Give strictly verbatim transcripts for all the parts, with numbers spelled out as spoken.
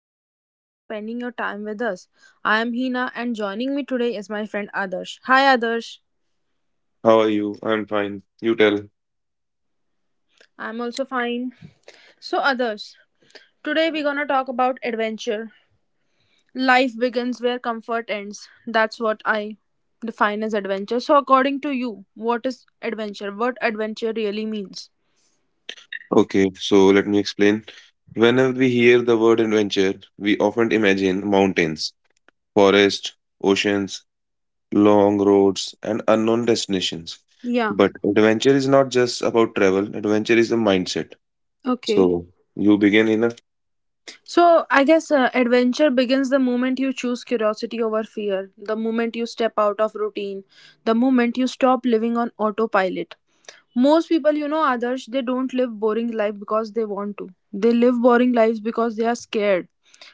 really happy you're spending your time with us. I am Hina, and joining me today is my friend Adarsh. Hi, Adarsh. How are you? I'm fine. You tell. I'm also fine. So, Adarsh, today we're gonna talk about adventure. Life begins where comfort ends. That's what I define as adventure. So, according to you, what is adventure? What adventure really means? Okay, so let me explain. Whenever we hear the word adventure, we often imagine mountains, forests, oceans, long roads, and unknown destinations. Yeah, But adventure is not just about travel, adventure is a mindset. okay. So you begin, Hina. So, I guess uh, adventure begins the moment you choose curiosity over fear, the moment you step out of routine, the moment you stop living on autopilot. Most people, you know, others, they don't live boring life because they want to. They live boring lives because they are scared.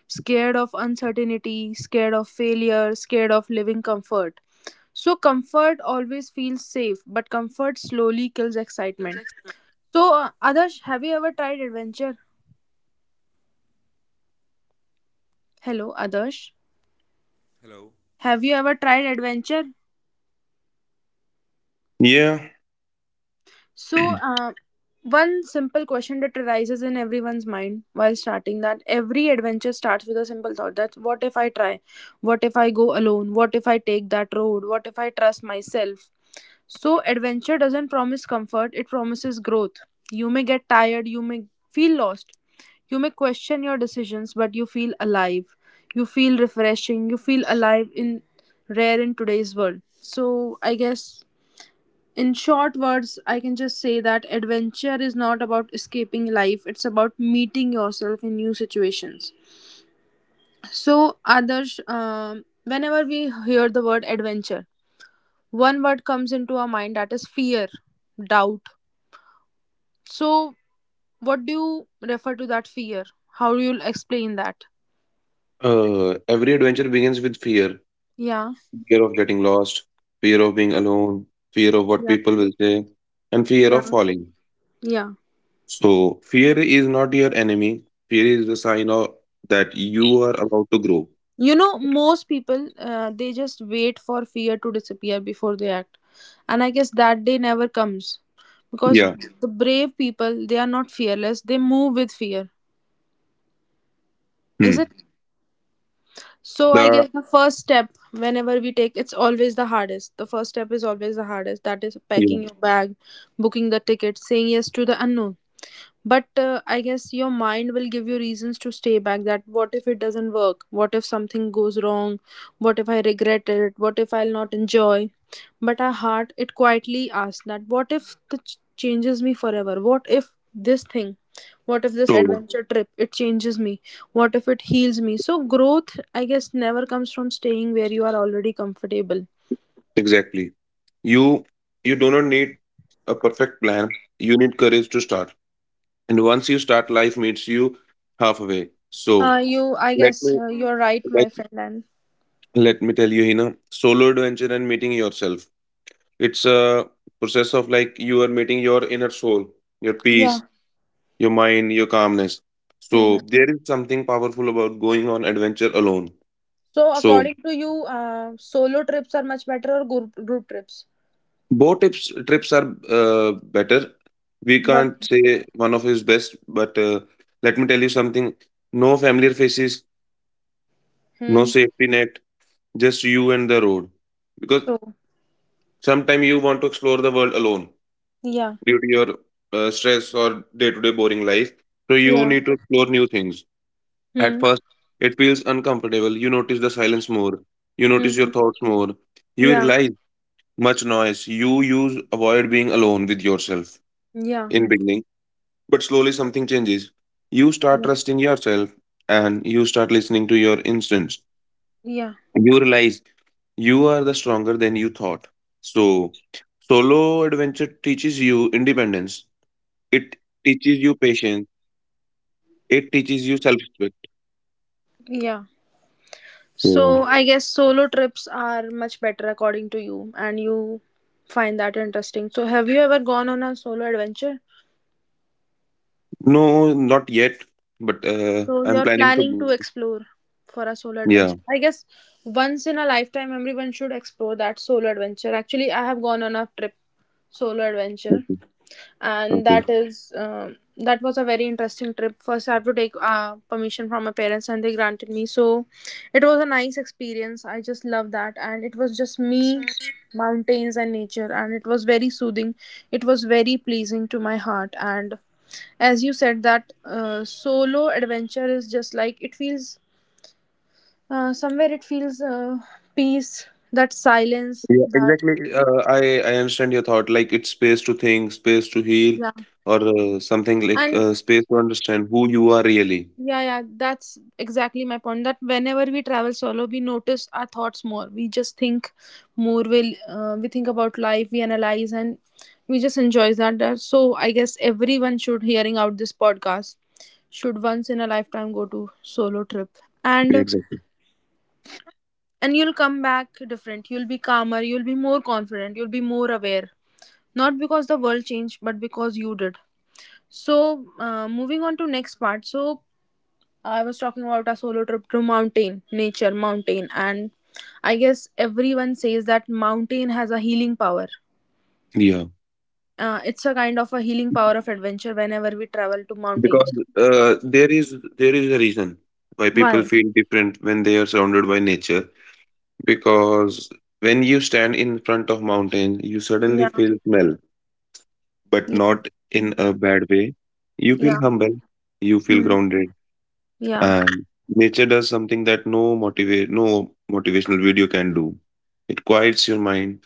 Scared of uncertainty, scared of failure, scared of living comfort. So, comfort always feels safe, but comfort slowly kills excitement. So, uh, Adarsh, have you ever tried adventure? Hello, Adarsh. Have you ever tried adventure? So, uh, One simple question that arises in everyone's mind while starting that every adventure starts with a simple thought that's what if I try? What if I go alone? What if I take that road? What if I trust myself? So, adventure doesn't promise comfort, it promises growth. You may get tired, you may feel lost, you may question your decisions, but you feel alive. You feel refreshing, you feel alive in rare in today's world. So, I guess in short words, I can just say that adventure is not about escaping life, it's about meeting yourself in new situations. So, Adarsh, um, whenever we hear the word adventure, one word comes into our mind that is fear, doubt. So, what do you refer to that fear? How do you explain that? Uh, every adventure begins with fear, Yeah, fear of getting lost, fear of being alone, fear of what yeah, people will say, and fear of yeah, falling. yeah. So, fear is not your enemy. Fear is the sign of that you are about to grow. you know most people uh, they just wait for fear to disappear before they act, and I guess that day never comes because Yeah. the brave people, they are not fearless, they move with fear. Is Hmm. it? So I The guess the first step whenever we take, it's always the hardest. The first step is always the hardest. That is yeah. packing your bag, booking the ticket, saying yes to the unknown. But uh, I guess your mind will give you reasons to stay back, that what if it doesn't work, what if something goes wrong, what if I regret it, what if I'll not enjoy. But our heart, it quietly asks that what if the ch- changes me forever, what if this thing, what if this So adventure trip, it changes me, what if it heals me. So growth, I guess, never comes from staying where you are already comfortable. exactly. You you do not need a perfect plan. You need courage to start. And once you start, life meets you halfway. So uh You, I let guess, me uh, you're right, my friend. And let me tell you, Hina, solo adventure and meeting yourself, it's a process of like you are meeting your inner soul, your peace, yeah. your mind, your calmness. So Mhm. there is something powerful about going on adventure alone. So So according to you, uh, solo trips are much better, or group group trips? both trips trips are uh, better. We But can't say one of his best, but uh, let me tell you something. No familiar faces, no hmm. safety net, just you and the road. Because So sometimes you want to explore the world alone yeah, due to your uh, stress or day to day boring life. So you yeah. need to explore new things. At Hmm. first, it feels uncomfortable. You notice the silence more. You notice your Hmm. thoughts more. You Yeah. realize much noise. You use avoid being alone with yourself Yeah. in beginning. But slowly something changes. You start Yeah. trusting yourself and you start listening to your instincts. Yeah. You realize you are the stronger than you thought. So solo adventure teaches you independence. It teaches you patience. It teaches you self-respect. Yeah. So, So I guess solo trips are much better according to you, and you find that interesting. So have you ever gone on a solo adventure? no, not yet, but uh, So I'm you're planning to. planning go- to explore for a solo Yeah. adventure. I guess once in a lifetime, everyone should explore that solo adventure. Actually, I have gone on a trip, solo Okay, adventure, and okay. that is um, that was a very interesting trip. First I have to take uh, permission from my parents and they granted me. So it was a nice experience, I just love that. And it was just me, mountains and nature, and it was very soothing. It was very pleasing to my heart. And as you said that uh, solo adventure is just like, it feels uh, somewhere, it feels uh, peace, that silence. Yeah, That exactly. Uh, I I understand your thought. Like it's space to think, space to heal, yeah. or uh, something like And uh, space to understand who you are really. yeah, yeah, that's exactly my point. That whenever we travel solo, we notice our thoughts more. We just think more. Will uh, we think about life? We analyze, and we just enjoy that. that- So I guess everyone should hearing out this podcast should once in a lifetime go to solo trip. And Yeah, exactly. and you'll come back different. You'll be calmer. You'll be more confident. You'll be more aware. Not because the world changed, but because you did. So uh, moving on to next part. So I was talking about a solo trip to mountain, nature, mountain. And I guess everyone says that mountain has a healing power. Yeah, Uh, it's a kind of a healing power of adventure whenever we travel to mountains. because uh, there is there is a reason why people Why? feel different when they are surrounded by nature. Because when you stand in front of mountain, you suddenly Yeah, feel smell, but yeah, not in a bad way. You feel yeah, humble. You feel hmm, grounded. yeah, And nature does something that no motivate no motivational video can do. It quiets your mind,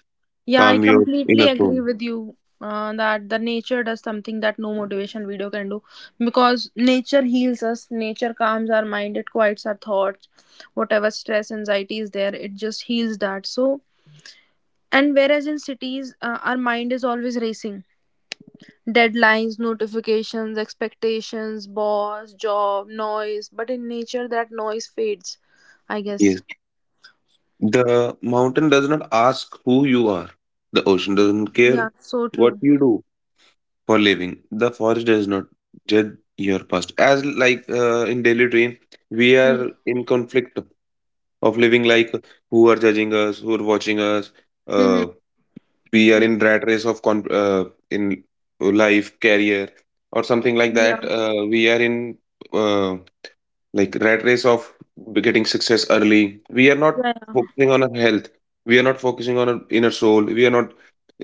yeah. I calm your completely inner agree soul. with you uh, that the nature does something that no motivation video can do, because nature heals us. Nature calms our mind. It quiets our thoughts. Whatever stress, anxiety is there, it just heals that. So. And whereas in cities, uh, our mind is always racing, deadlines, notifications, expectations, boss, job, noise. But in nature, that noise fades, I guess. Yes. The mountain does not ask who you are. The ocean doesn't care Yeah, so what true. you do for living. The forest does not judge your past. As like uh, in daily train, we Hmm. are in conflict of living like who are judging us, who are watching us. Uh. Hmm. We are in rat race of con uh, in life career or something like that, Yeah. uh, we are in uh, like rat race of getting success early. We are not Yeah. Yeah. focusing on our health, we are not focusing on our inner soul, we are not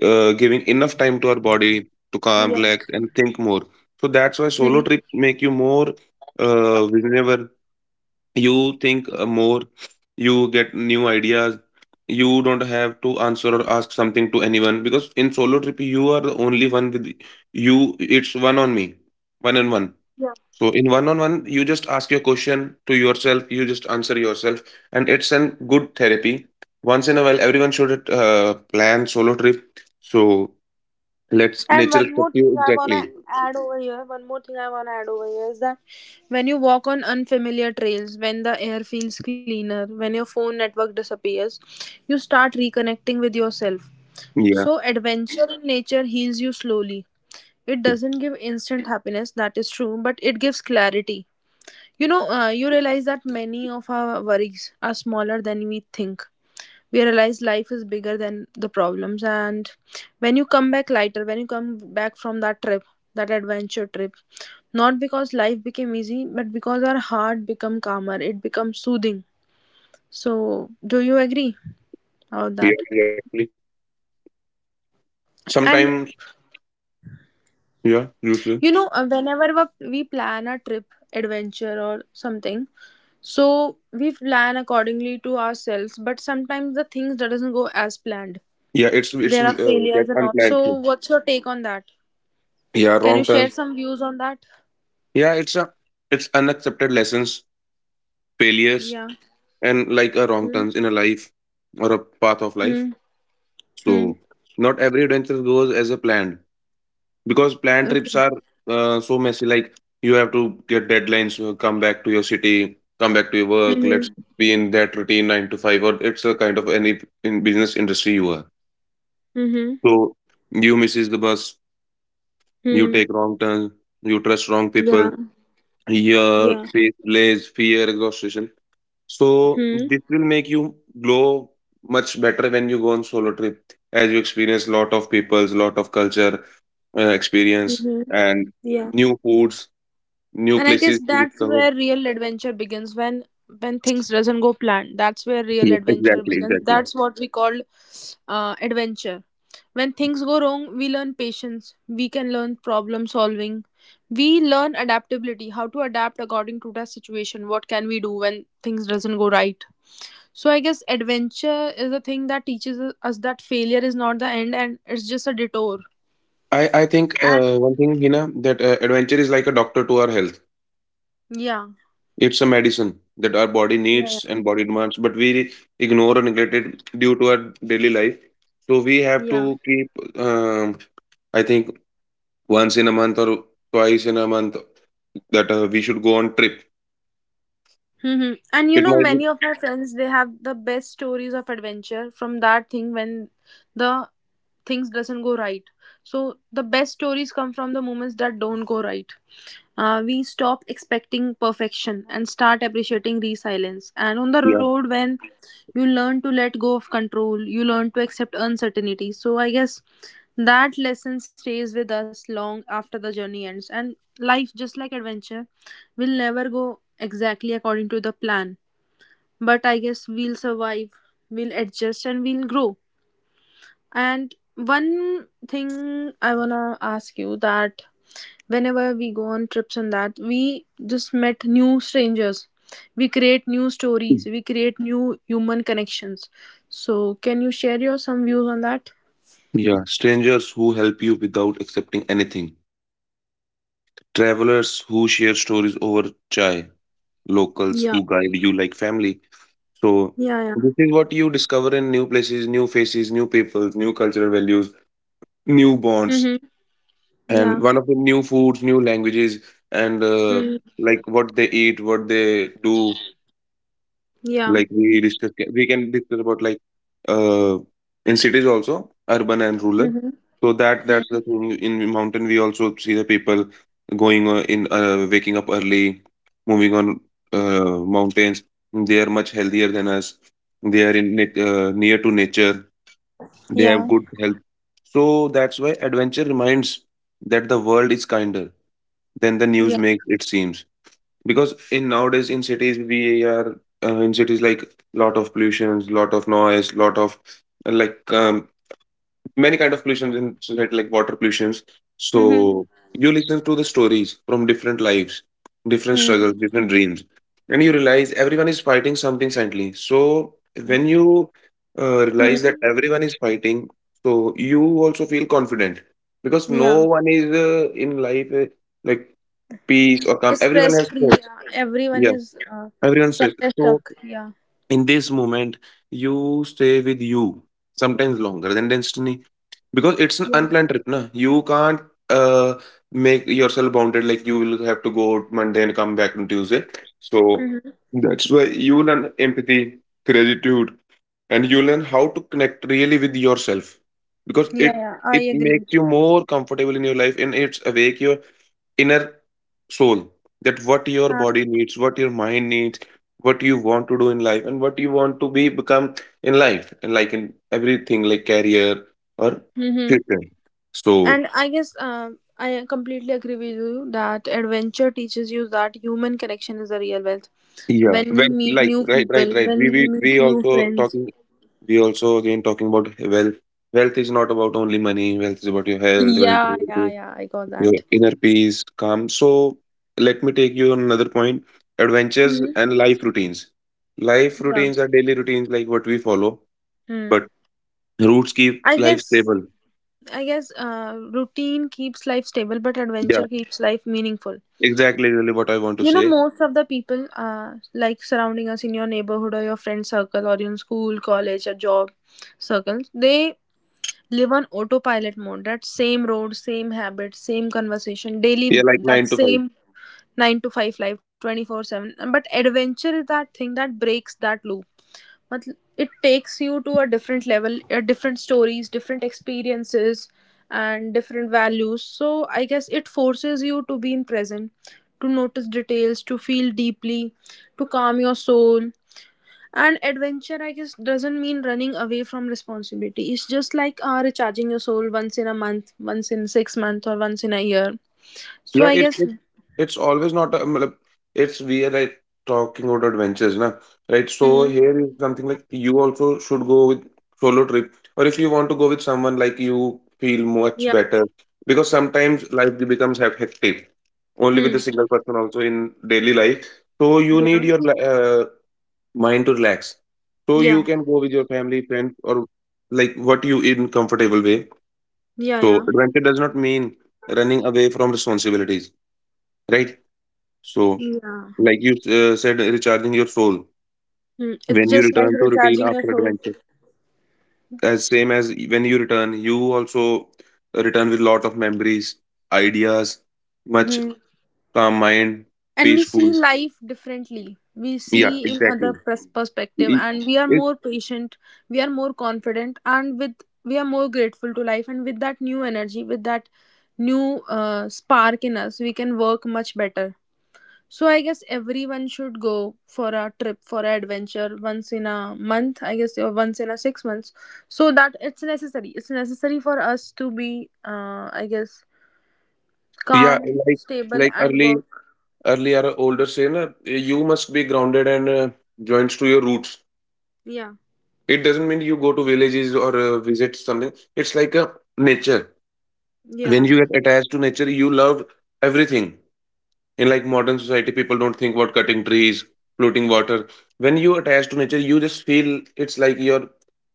uh, giving enough time to our body to calm, Yeah. relax Yes. and think more. So that's why solo Hmm. trips make you more. Uh, whenever you think uh, more, you get new ideas. You don't have to answer or ask something to anyone, because in solo trip you are the only one with you. It's one on me, one on one. Yeah. So in one on one, you just ask your question to yourself, you just answer yourself. And it's a good therapy. Once in a while everyone should uh, plan solo trip. So let's And nature one accept more thing you, I want exactly. to add over here, one more thing I want to add over here is that when you walk on unfamiliar trails, when the air feels cleaner, when your phone network disappears, you start reconnecting with yourself. Yeah, So, adventure in nature heals you slowly. It doesn't give instant happiness, that is true, but it gives clarity. You know, uh, you realize that many of our worries are smaller than we think. We realize life is bigger than the problems, and when you come back lighter, when you come back from that trip, that adventure trip, not because life became easy, but because our heart become calmer, it becomes soothing. So, do you agree about yeah, that? exactly. And Sometimes yeah, usually. you know, uh, whenever wa- we plan a trip, adventure, or something, so we plan accordingly to ourselves, but sometimes the things that doesn't go as planned. Yeah, it's it's There uh, are get failures and all. unplanned So, thing. what's your take on that? Yeah, Can you wrong share turns. some views on that? Yeah, it's a it's unaccepted lessons, failures, Yeah. and like a wrong Hmm. turns in a life or a path of life. Hmm. Hmm. So not every adventure goes as a planned, because planned trips Okay. are uh, so messy. Like you have to get deadlines, uh, come back to your city, come back to your work. Let's Hmm. be in that routine nine to five, or it's a kind of any in business industry you are. Hmm. Hmm. So you misses the bus, you Hmm. take wrong turn, you trust wrong Yeah. people. Your Yeah. face blaze, fear, exhaustion. So Hmm. this will make you glow much better when you go on solo trip, as you experience lot of peoples, lot of culture, uh, experience, Hmm. and Yeah. new foods, new And I places guess to that's discover. where real adventure begins, when when things doesn't go planned, that's where real Yeah, adventure exactly, begins. exactly. That's what we call uh, adventure. When things go wrong, we learn patience, we can learn problem solving, we learn adaptability, how to adapt according to the situation, what can we do when things doesn't go right. So I guess adventure is the thing that teaches us that failure is not the end, and it's just a detour. I I think And uh, one thing, Hina, that uh, adventure is like a doctor to our health. yeah, It's a medicine that our body yeah, needs and body demands, but we ignore or neglect it due to our daily life. So we have yeah. to keep um, I think once in a month or twice in a month, that uh, we should go on trip. Hmm. And you It know, might be many of my friends, they have the best stories of adventure from that thing when the things doesn't go right. So the best stories come from the moments that don't go right. Uh, we stop expecting perfection and start appreciating resilience. And on the yeah. road, when you learn to let go of control, you learn to accept uncertainty. So I guess that lesson stays with us long after the journey ends. And life, just like adventure, will never go exactly according to the plan, but I guess we'll survive, we'll adjust, and we'll grow. And one thing I wanna ask you that whenever we go on trips and that we just met new strangers, we create new stories, we create new human connections. So can you share your some views on that? Yeah, strangers who help you without accepting anything. Travelers who share stories over chai. Locals Yeah, who guide you like family. So yeah, yeah. this is what you discover in new places, new faces, new peoples, new cultural values, new Mm-hmm. bonds, Yeah. and one of the new foods, new languages, and uh, Mm-hmm. like what they eat, what they do. Yeah. Like we discuss, we can discuss about like uh, in cities also, urban and rural. Mm-hmm. So that that's the thing. In mountain, we also see the people going uh, in uh, waking up early, moving on uh, mountains. They are much healthier than us. They are in nat- uh, near to nature. They Yeah. have good health. So that's why adventure reminds that the world is kinder than the news Yeah. makes it seem. Because in nowadays in cities we are uh, in cities like lot of pollutions, lot of noise, lot of uh, like um, many kind of pollutions in society like water pollutions. Mm-hmm. So you listen to the stories from different lives, different Mm. struggles, different dreams, and you realize everyone is fighting something silently. So when you uh, realize that Mm. everyone is fighting, so you also feel confident, because no Yeah. one is uh, in life uh, like peace or calm, everyone Stress has free, stress. yeah, everyone is uh, Everyone says somewhere so. stuck, yeah. In this moment, you stay with you sometimes longer than destiny, because it's an Yeah. unplanned trip. Na you can't uh, make yourself bounded like you will have to go out Monday and come back on Tuesday. So Mm-hmm. that's why you learn empathy, gratitude, and you learn how to connect really with yourself, because it Yeah, yeah, I it agree. makes you more comfortable in your life and it's awake your inner soul, that what your uh, body needs, what your mind needs, what you want to do in life and what you want to be become in life, and like in everything like career or mm-hmm. future. So And I guess um, I completely agree with you that adventure teaches you that human connection is a real wealth, yeah, when we well, meet like new right, right, people, right. when we we, we we meet new also friends. talking, we also again talking about wealth. Wealth is not about only money, wealth is about your health, wealth, Yeah, yeah, yeah, I got your that. inner peace, calm. So let me take you on another point. Adventures Hmm. and life routines. Life Yeah. routines are daily routines like what we follow, Mm. but roots keep i life guess stable. I guess uh, routine keeps life stable, but Yeah, adventure keeps life meaningful. exactly, really what I want to You know, say. most of the people uh, like surrounding us in your neighborhood or your friend circle or in school, college, or job circles, they live on autopilot mode. That same road, same habit, same conversation, daily, Yeah, like that nine to five. same nine to five life, twenty-four seven. But adventure is that thing that breaks that loop. मतलब, it takes you to a different level, uh, different stories, different experiences, and different values. So I guess it forces you to be in present, to notice details, to feel deeply, to calm your soul. And adventure, I guess, doesn't mean running away from responsibility. It's just like uh, recharging your soul once in a month, once in six months, or once in a year. So Yeah, I it, guess it it's always not a, matlab, it's we are like talking about adventures, na? Right? So hmm. here is something like you also should go with solo trip, or if you want to go with someone, like you feel much Yeah. better, because sometimes life becomes hec- hectic only with a Hmm. single person also in daily life. So you need Yeah, your li- uh, mind to relax. So you yeah, can go with your family, friends, or like what you in comfortable way. yeah, So yeah, adventure does not mean running away from responsibilities, right? So, yeah. like you uh, said, recharging your soul Hmm. It's when you just like return to routine recharging your after soul. adventure. As same as when you return, you also return with lot of memories, ideas, much Mhm. calm mind, And we see peaceful. life differently. We Yeah, see in other exactly. pers- perspective, It, and we are it, more patient. We are more confident, and with we are more grateful to life. And with that new energy, with that new uh, spark in us, we can work much better. So I guess everyone should go for a trip for an adventure once in a month, I guess, or once in a six months, so that it's necessary. It's necessary for us to be, uh, I guess, yeah, calm, like stable, like and early work. early or older say na, you must be grounded and uh, joints to your roots. Yeah, It doesn't mean you go to villages or uh, visit something. It's like a nature. yeah. When you get attached to nature, you love everything. In like modern society, people don't think about cutting trees, polluting water. When you attach to nature, you just feel it's like your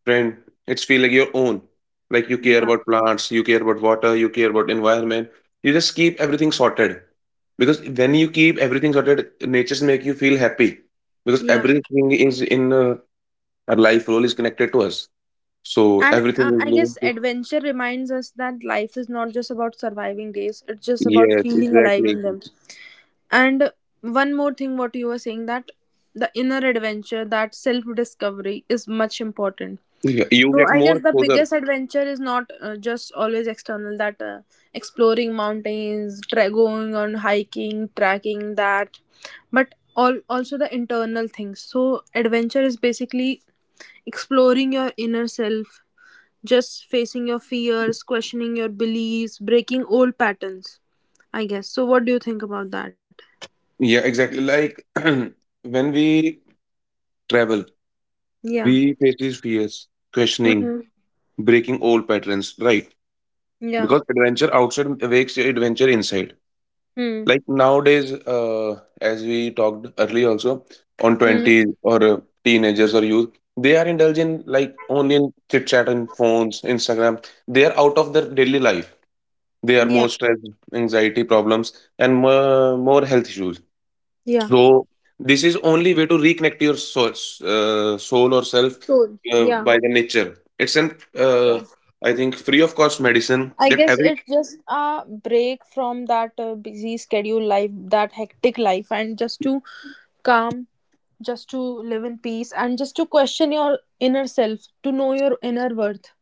friend, it's feel like your own. Like you care Yeah, about plants, you care about water, you care about environment, you just keep everything sorted. Because when you keep everything sorted, natures make you feel happy, because yeah. everything is in uh, our life role is connected to us. So And everything uh, is I guess linked to- adventure reminds us that life is not just about surviving days, it's just about yes, feeling alive exactly. in them. And one more thing, what you were saying, that the inner adventure, that self discovery is much important. Yeah, you So get I more guess the exposure. biggest adventure is not uh, just always external, that uh, exploring mountains, tra- going on hiking, tracking that, but all also the internal things. So adventure is basically exploring your inner self, just facing your fears, questioning your beliefs, breaking old patterns, I guess. So, what do you think about that? Yeah, exactly, like when we travel, Yeah. we face these fears, questioning, Mm-hmm. breaking old patterns, right? Yeah. Because adventure outside wakes your adventure inside. Hmm. Like nowadays, uh, as we talked earlier also, on Hmm. twenties or uh, teenagers or youth, they are indulging like only in chit chat and phones, Instagram. They are out of their daily life. They are more Yeah. stress, anxiety problems, and more, more health issues. Yeah. So this is only way to reconnect your soul, uh, soul or self So, uh, yeah. by the nature. It's an Yeah. uh, I think free of cost medicine I that guess every it's just a break from that uh, busy schedule life, that hectic life, and just to calm, just to live in peace, and just to question your inner self, to know your inner worth.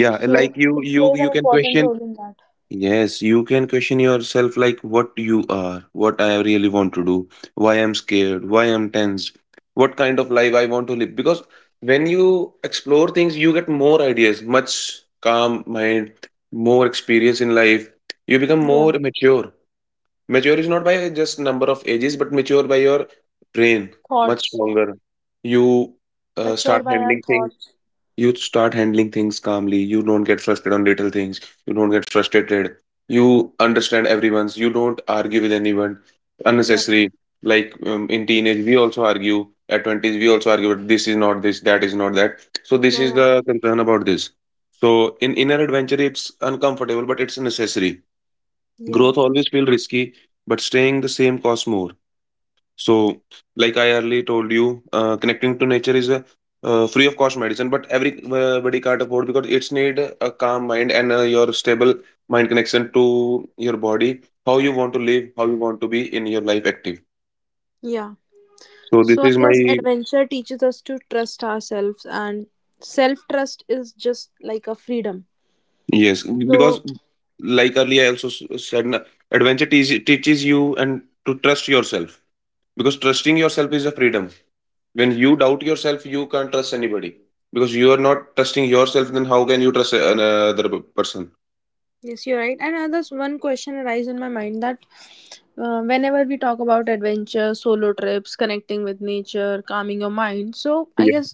yeah So, like you it you plays you an can important question, role in that. yes you can question yourself like what you are, what I really want to do, why I'm scared, why I'm tense, what kind of life I want to live. Because when you explore things, you get more ideas, much calm mind, more experience in life, you become Yeah. more mature. Mature is not by just number of ages, but mature by your brain, much Thoughts. stronger. You uh, Mature start by our handling things. thoughts. You start handling things calmly. You don't get frustrated on little things. You don't get frustrated. You understand everyone's. You don't argue with anyone Yeah, unnecessary. Like um, in teenage, we also argue. At twenties, we also argue. But this is not this. That is not that. So this yeah, is yeah, the concern about this. So in inner adventure, it's uncomfortable, but it's necessary. yeah. Growth always feels risky, but staying the same costs more. So, like I earlier told you, uh, connecting to nature is a uh, free of cost medicine, but everybody can't afford because it's need a calm mind and uh, your stable mind connection to your body, how you want to live, how you want to be in your life active. Yeah. So this So I is guess my adventure teaches us to trust ourselves, and self trust is just like a freedom. yes, So because like earlier I also s- said, na, adventure teas teaches you and to trust yourself, because trusting yourself is a freedom. When you doubt yourself, you can't trust anybody, because you are not trusting yourself, then how can you trust another person? yes, you're right. And uh, there's one question arise in my mind that uh, whenever we talk about adventure, solo trips, connecting with nature, calming your mind. So I Yeah, guess,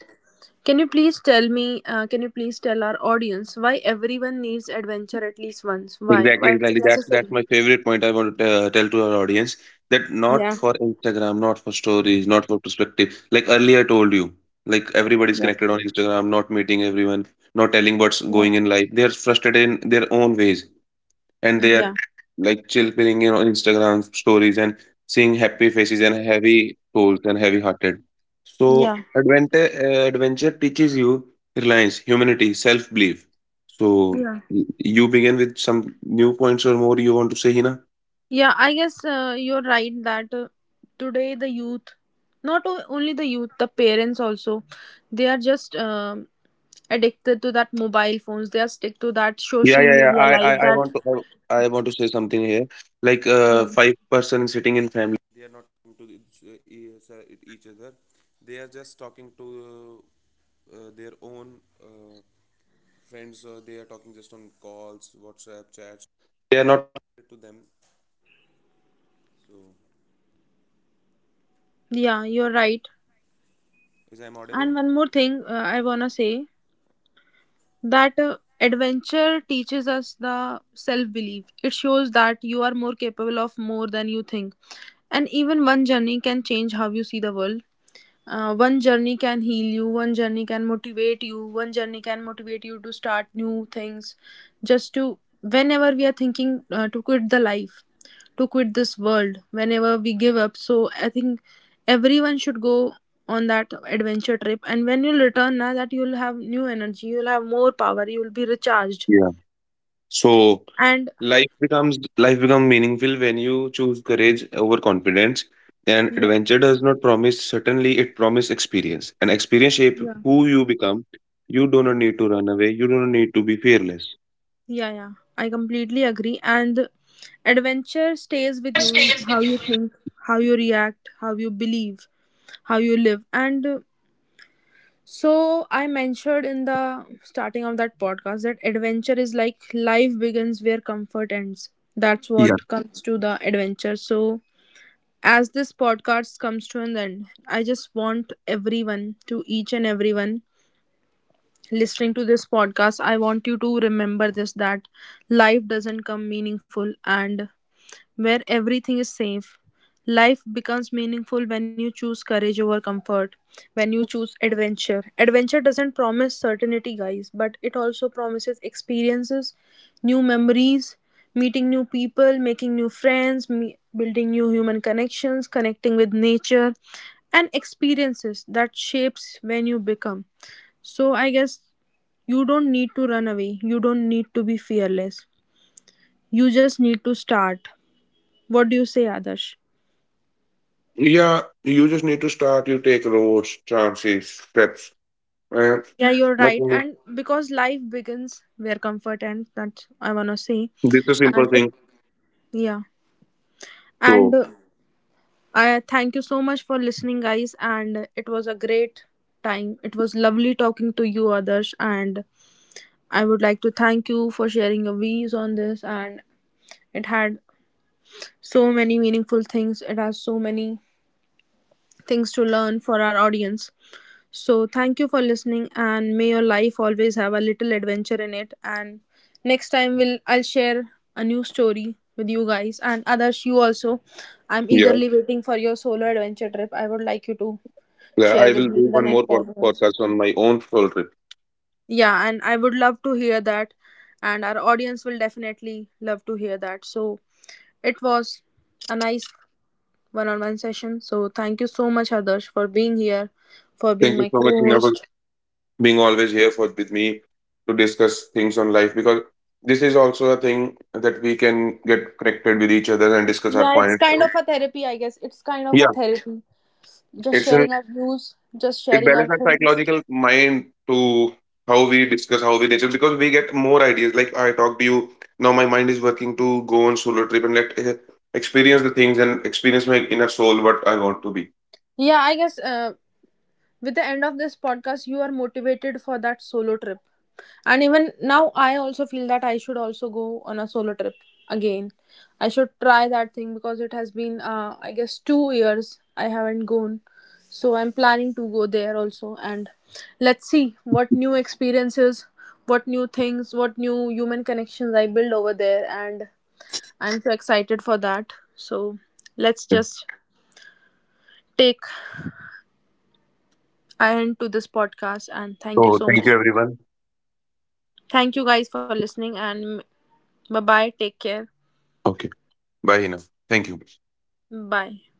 can you please tell me? Uh, can you please tell our audience why everyone needs adventure at least once? Why? exactly, Why it's exactly that's that's necessary? my favorite point. I want to uh, tell to our audience that not Yeah. for Instagram, not for stories, not for perspective. Like earlier I told you, like everybody's Yeah. connected on Instagram, not meeting everyone, not telling what's Yeah. going in life, they're frustrated in their own ways, and they Yeah. are like chill filling in on Instagram stories and seeing happy faces and heavy souls and heavy hearted. So Yeah, adventure uh, adventure teaches you reliance, humanity, self belief. So yeah, y- you begin with some new points, or more you want to say, Hina? yeah. I guess uh, you're right that uh, today the youth, not o- only the youth, the parents also, they are just um addicted to that mobile phones. They are stick to that Yeah, social yeah, yeah. media I, I, life. I That. want to I, I want to say something here. Like uh, Yeah, five person sitting in. yeah. You're right. And one more thing, uh, I wanna say that uh, adventure teaches us the self belief. It shows that you are more capable of more than you think, and even one journey can change how you see the world. Uh, one journey can heal you, one journey can motivate you, one journey can motivate you to start new things. Just to, whenever we are thinking uh, to quit the life, to quit this world, whenever we give up. So, I think everyone should go on that adventure trip. And when you'll return, now that you'll have new energy, you'll have more power, you'll be recharged. Yeah. So And life becomes life become meaningful when you choose courage over confidence. And yeah, adventure does not promise certainly, it promises experience. And experience shape yeah. who you become. You do not need to run away. You do not need to be fearless. Yeah, yeah. I completely agree. And adventure stays with you in how you think, how you react, how you believe, how you live. And uh, so I mentioned in the starting of that podcast that adventure is like life begins where comfort ends. That's what Yeah. comes to the adventure. So as this podcast comes to an end, I just want everyone, to each and everyone listening to this podcast, I want you to remember this, that life doesn't come meaningful and where everything is safe. Life becomes meaningful when you choose courage over comfort, when you choose adventure. Adventure doesn't promise certainty, guys, but it also promises experiences, new memories, meeting new people, making new friends, me- building new human connections, connecting with nature, and experiences that shapes when you become. So I guess you don't need to run away. You don't need to be fearless. You just need to start. What do you say, Adarsh? Yeah, you just need to start. You take roads, chances, steps, and Yeah, you're right. nothing. And because life begins where comfort ends, that's I wanna say. This is a simple And thing. it, yeah, and So uh, I thank you so much for listening, guys. And it was a great time. It was lovely talking to you, Adarsh. And I would like to thank you for sharing your views on this. And it had so many meaningful things. It has so many things to learn for our audience. So, thank you for listening, and may your life always have a little adventure in it. And next time, we'll I'll share a new story with you guys and others. You also, I'm yeah, eagerly waiting for your solo adventure trip. I would like you to yeah, I share with will me do in the one more next pod- podcast. podcast on my own solo trip. Yeah, and I would love to hear that, and our audience will definitely love to hear that. So, it was a nice one-on-one session. So, thank you so much, Adarsh, for being here, for being Thank you my so much, Hina, for co-host. being always here for with me to discuss things on life, because this is also a thing that we can get connected with each other and discuss our Yeah, it's point. kind of a therapy, I guess. It's kind of Yeah, a therapy. Just it's an sharing our views, just it sharing our balances our things. psychological mind to how we discuss how we discuss because we get more ideas. Like I talk to you now, my mind is working to go on solo trip and let eh, experience the things and experience my inner soul, what I want to be. Yeah, I guess uh, with the end of this podcast you are motivated for that solo trip. And even now I also feel that I should also go on a solo trip again. I should try that thing because it has been, uh, I guess, two years I haven't gone. So I'm planning to go there also. And let's see what new experiences, what new things, what new human connections I build over there. And I'm so excited for that. So let's Yeah. just take an end to this podcast and thank you So so thank much. you everyone. Thank you guys for listening, and bye bye. Take care. Okay, bye Hina. Thank you. Bye.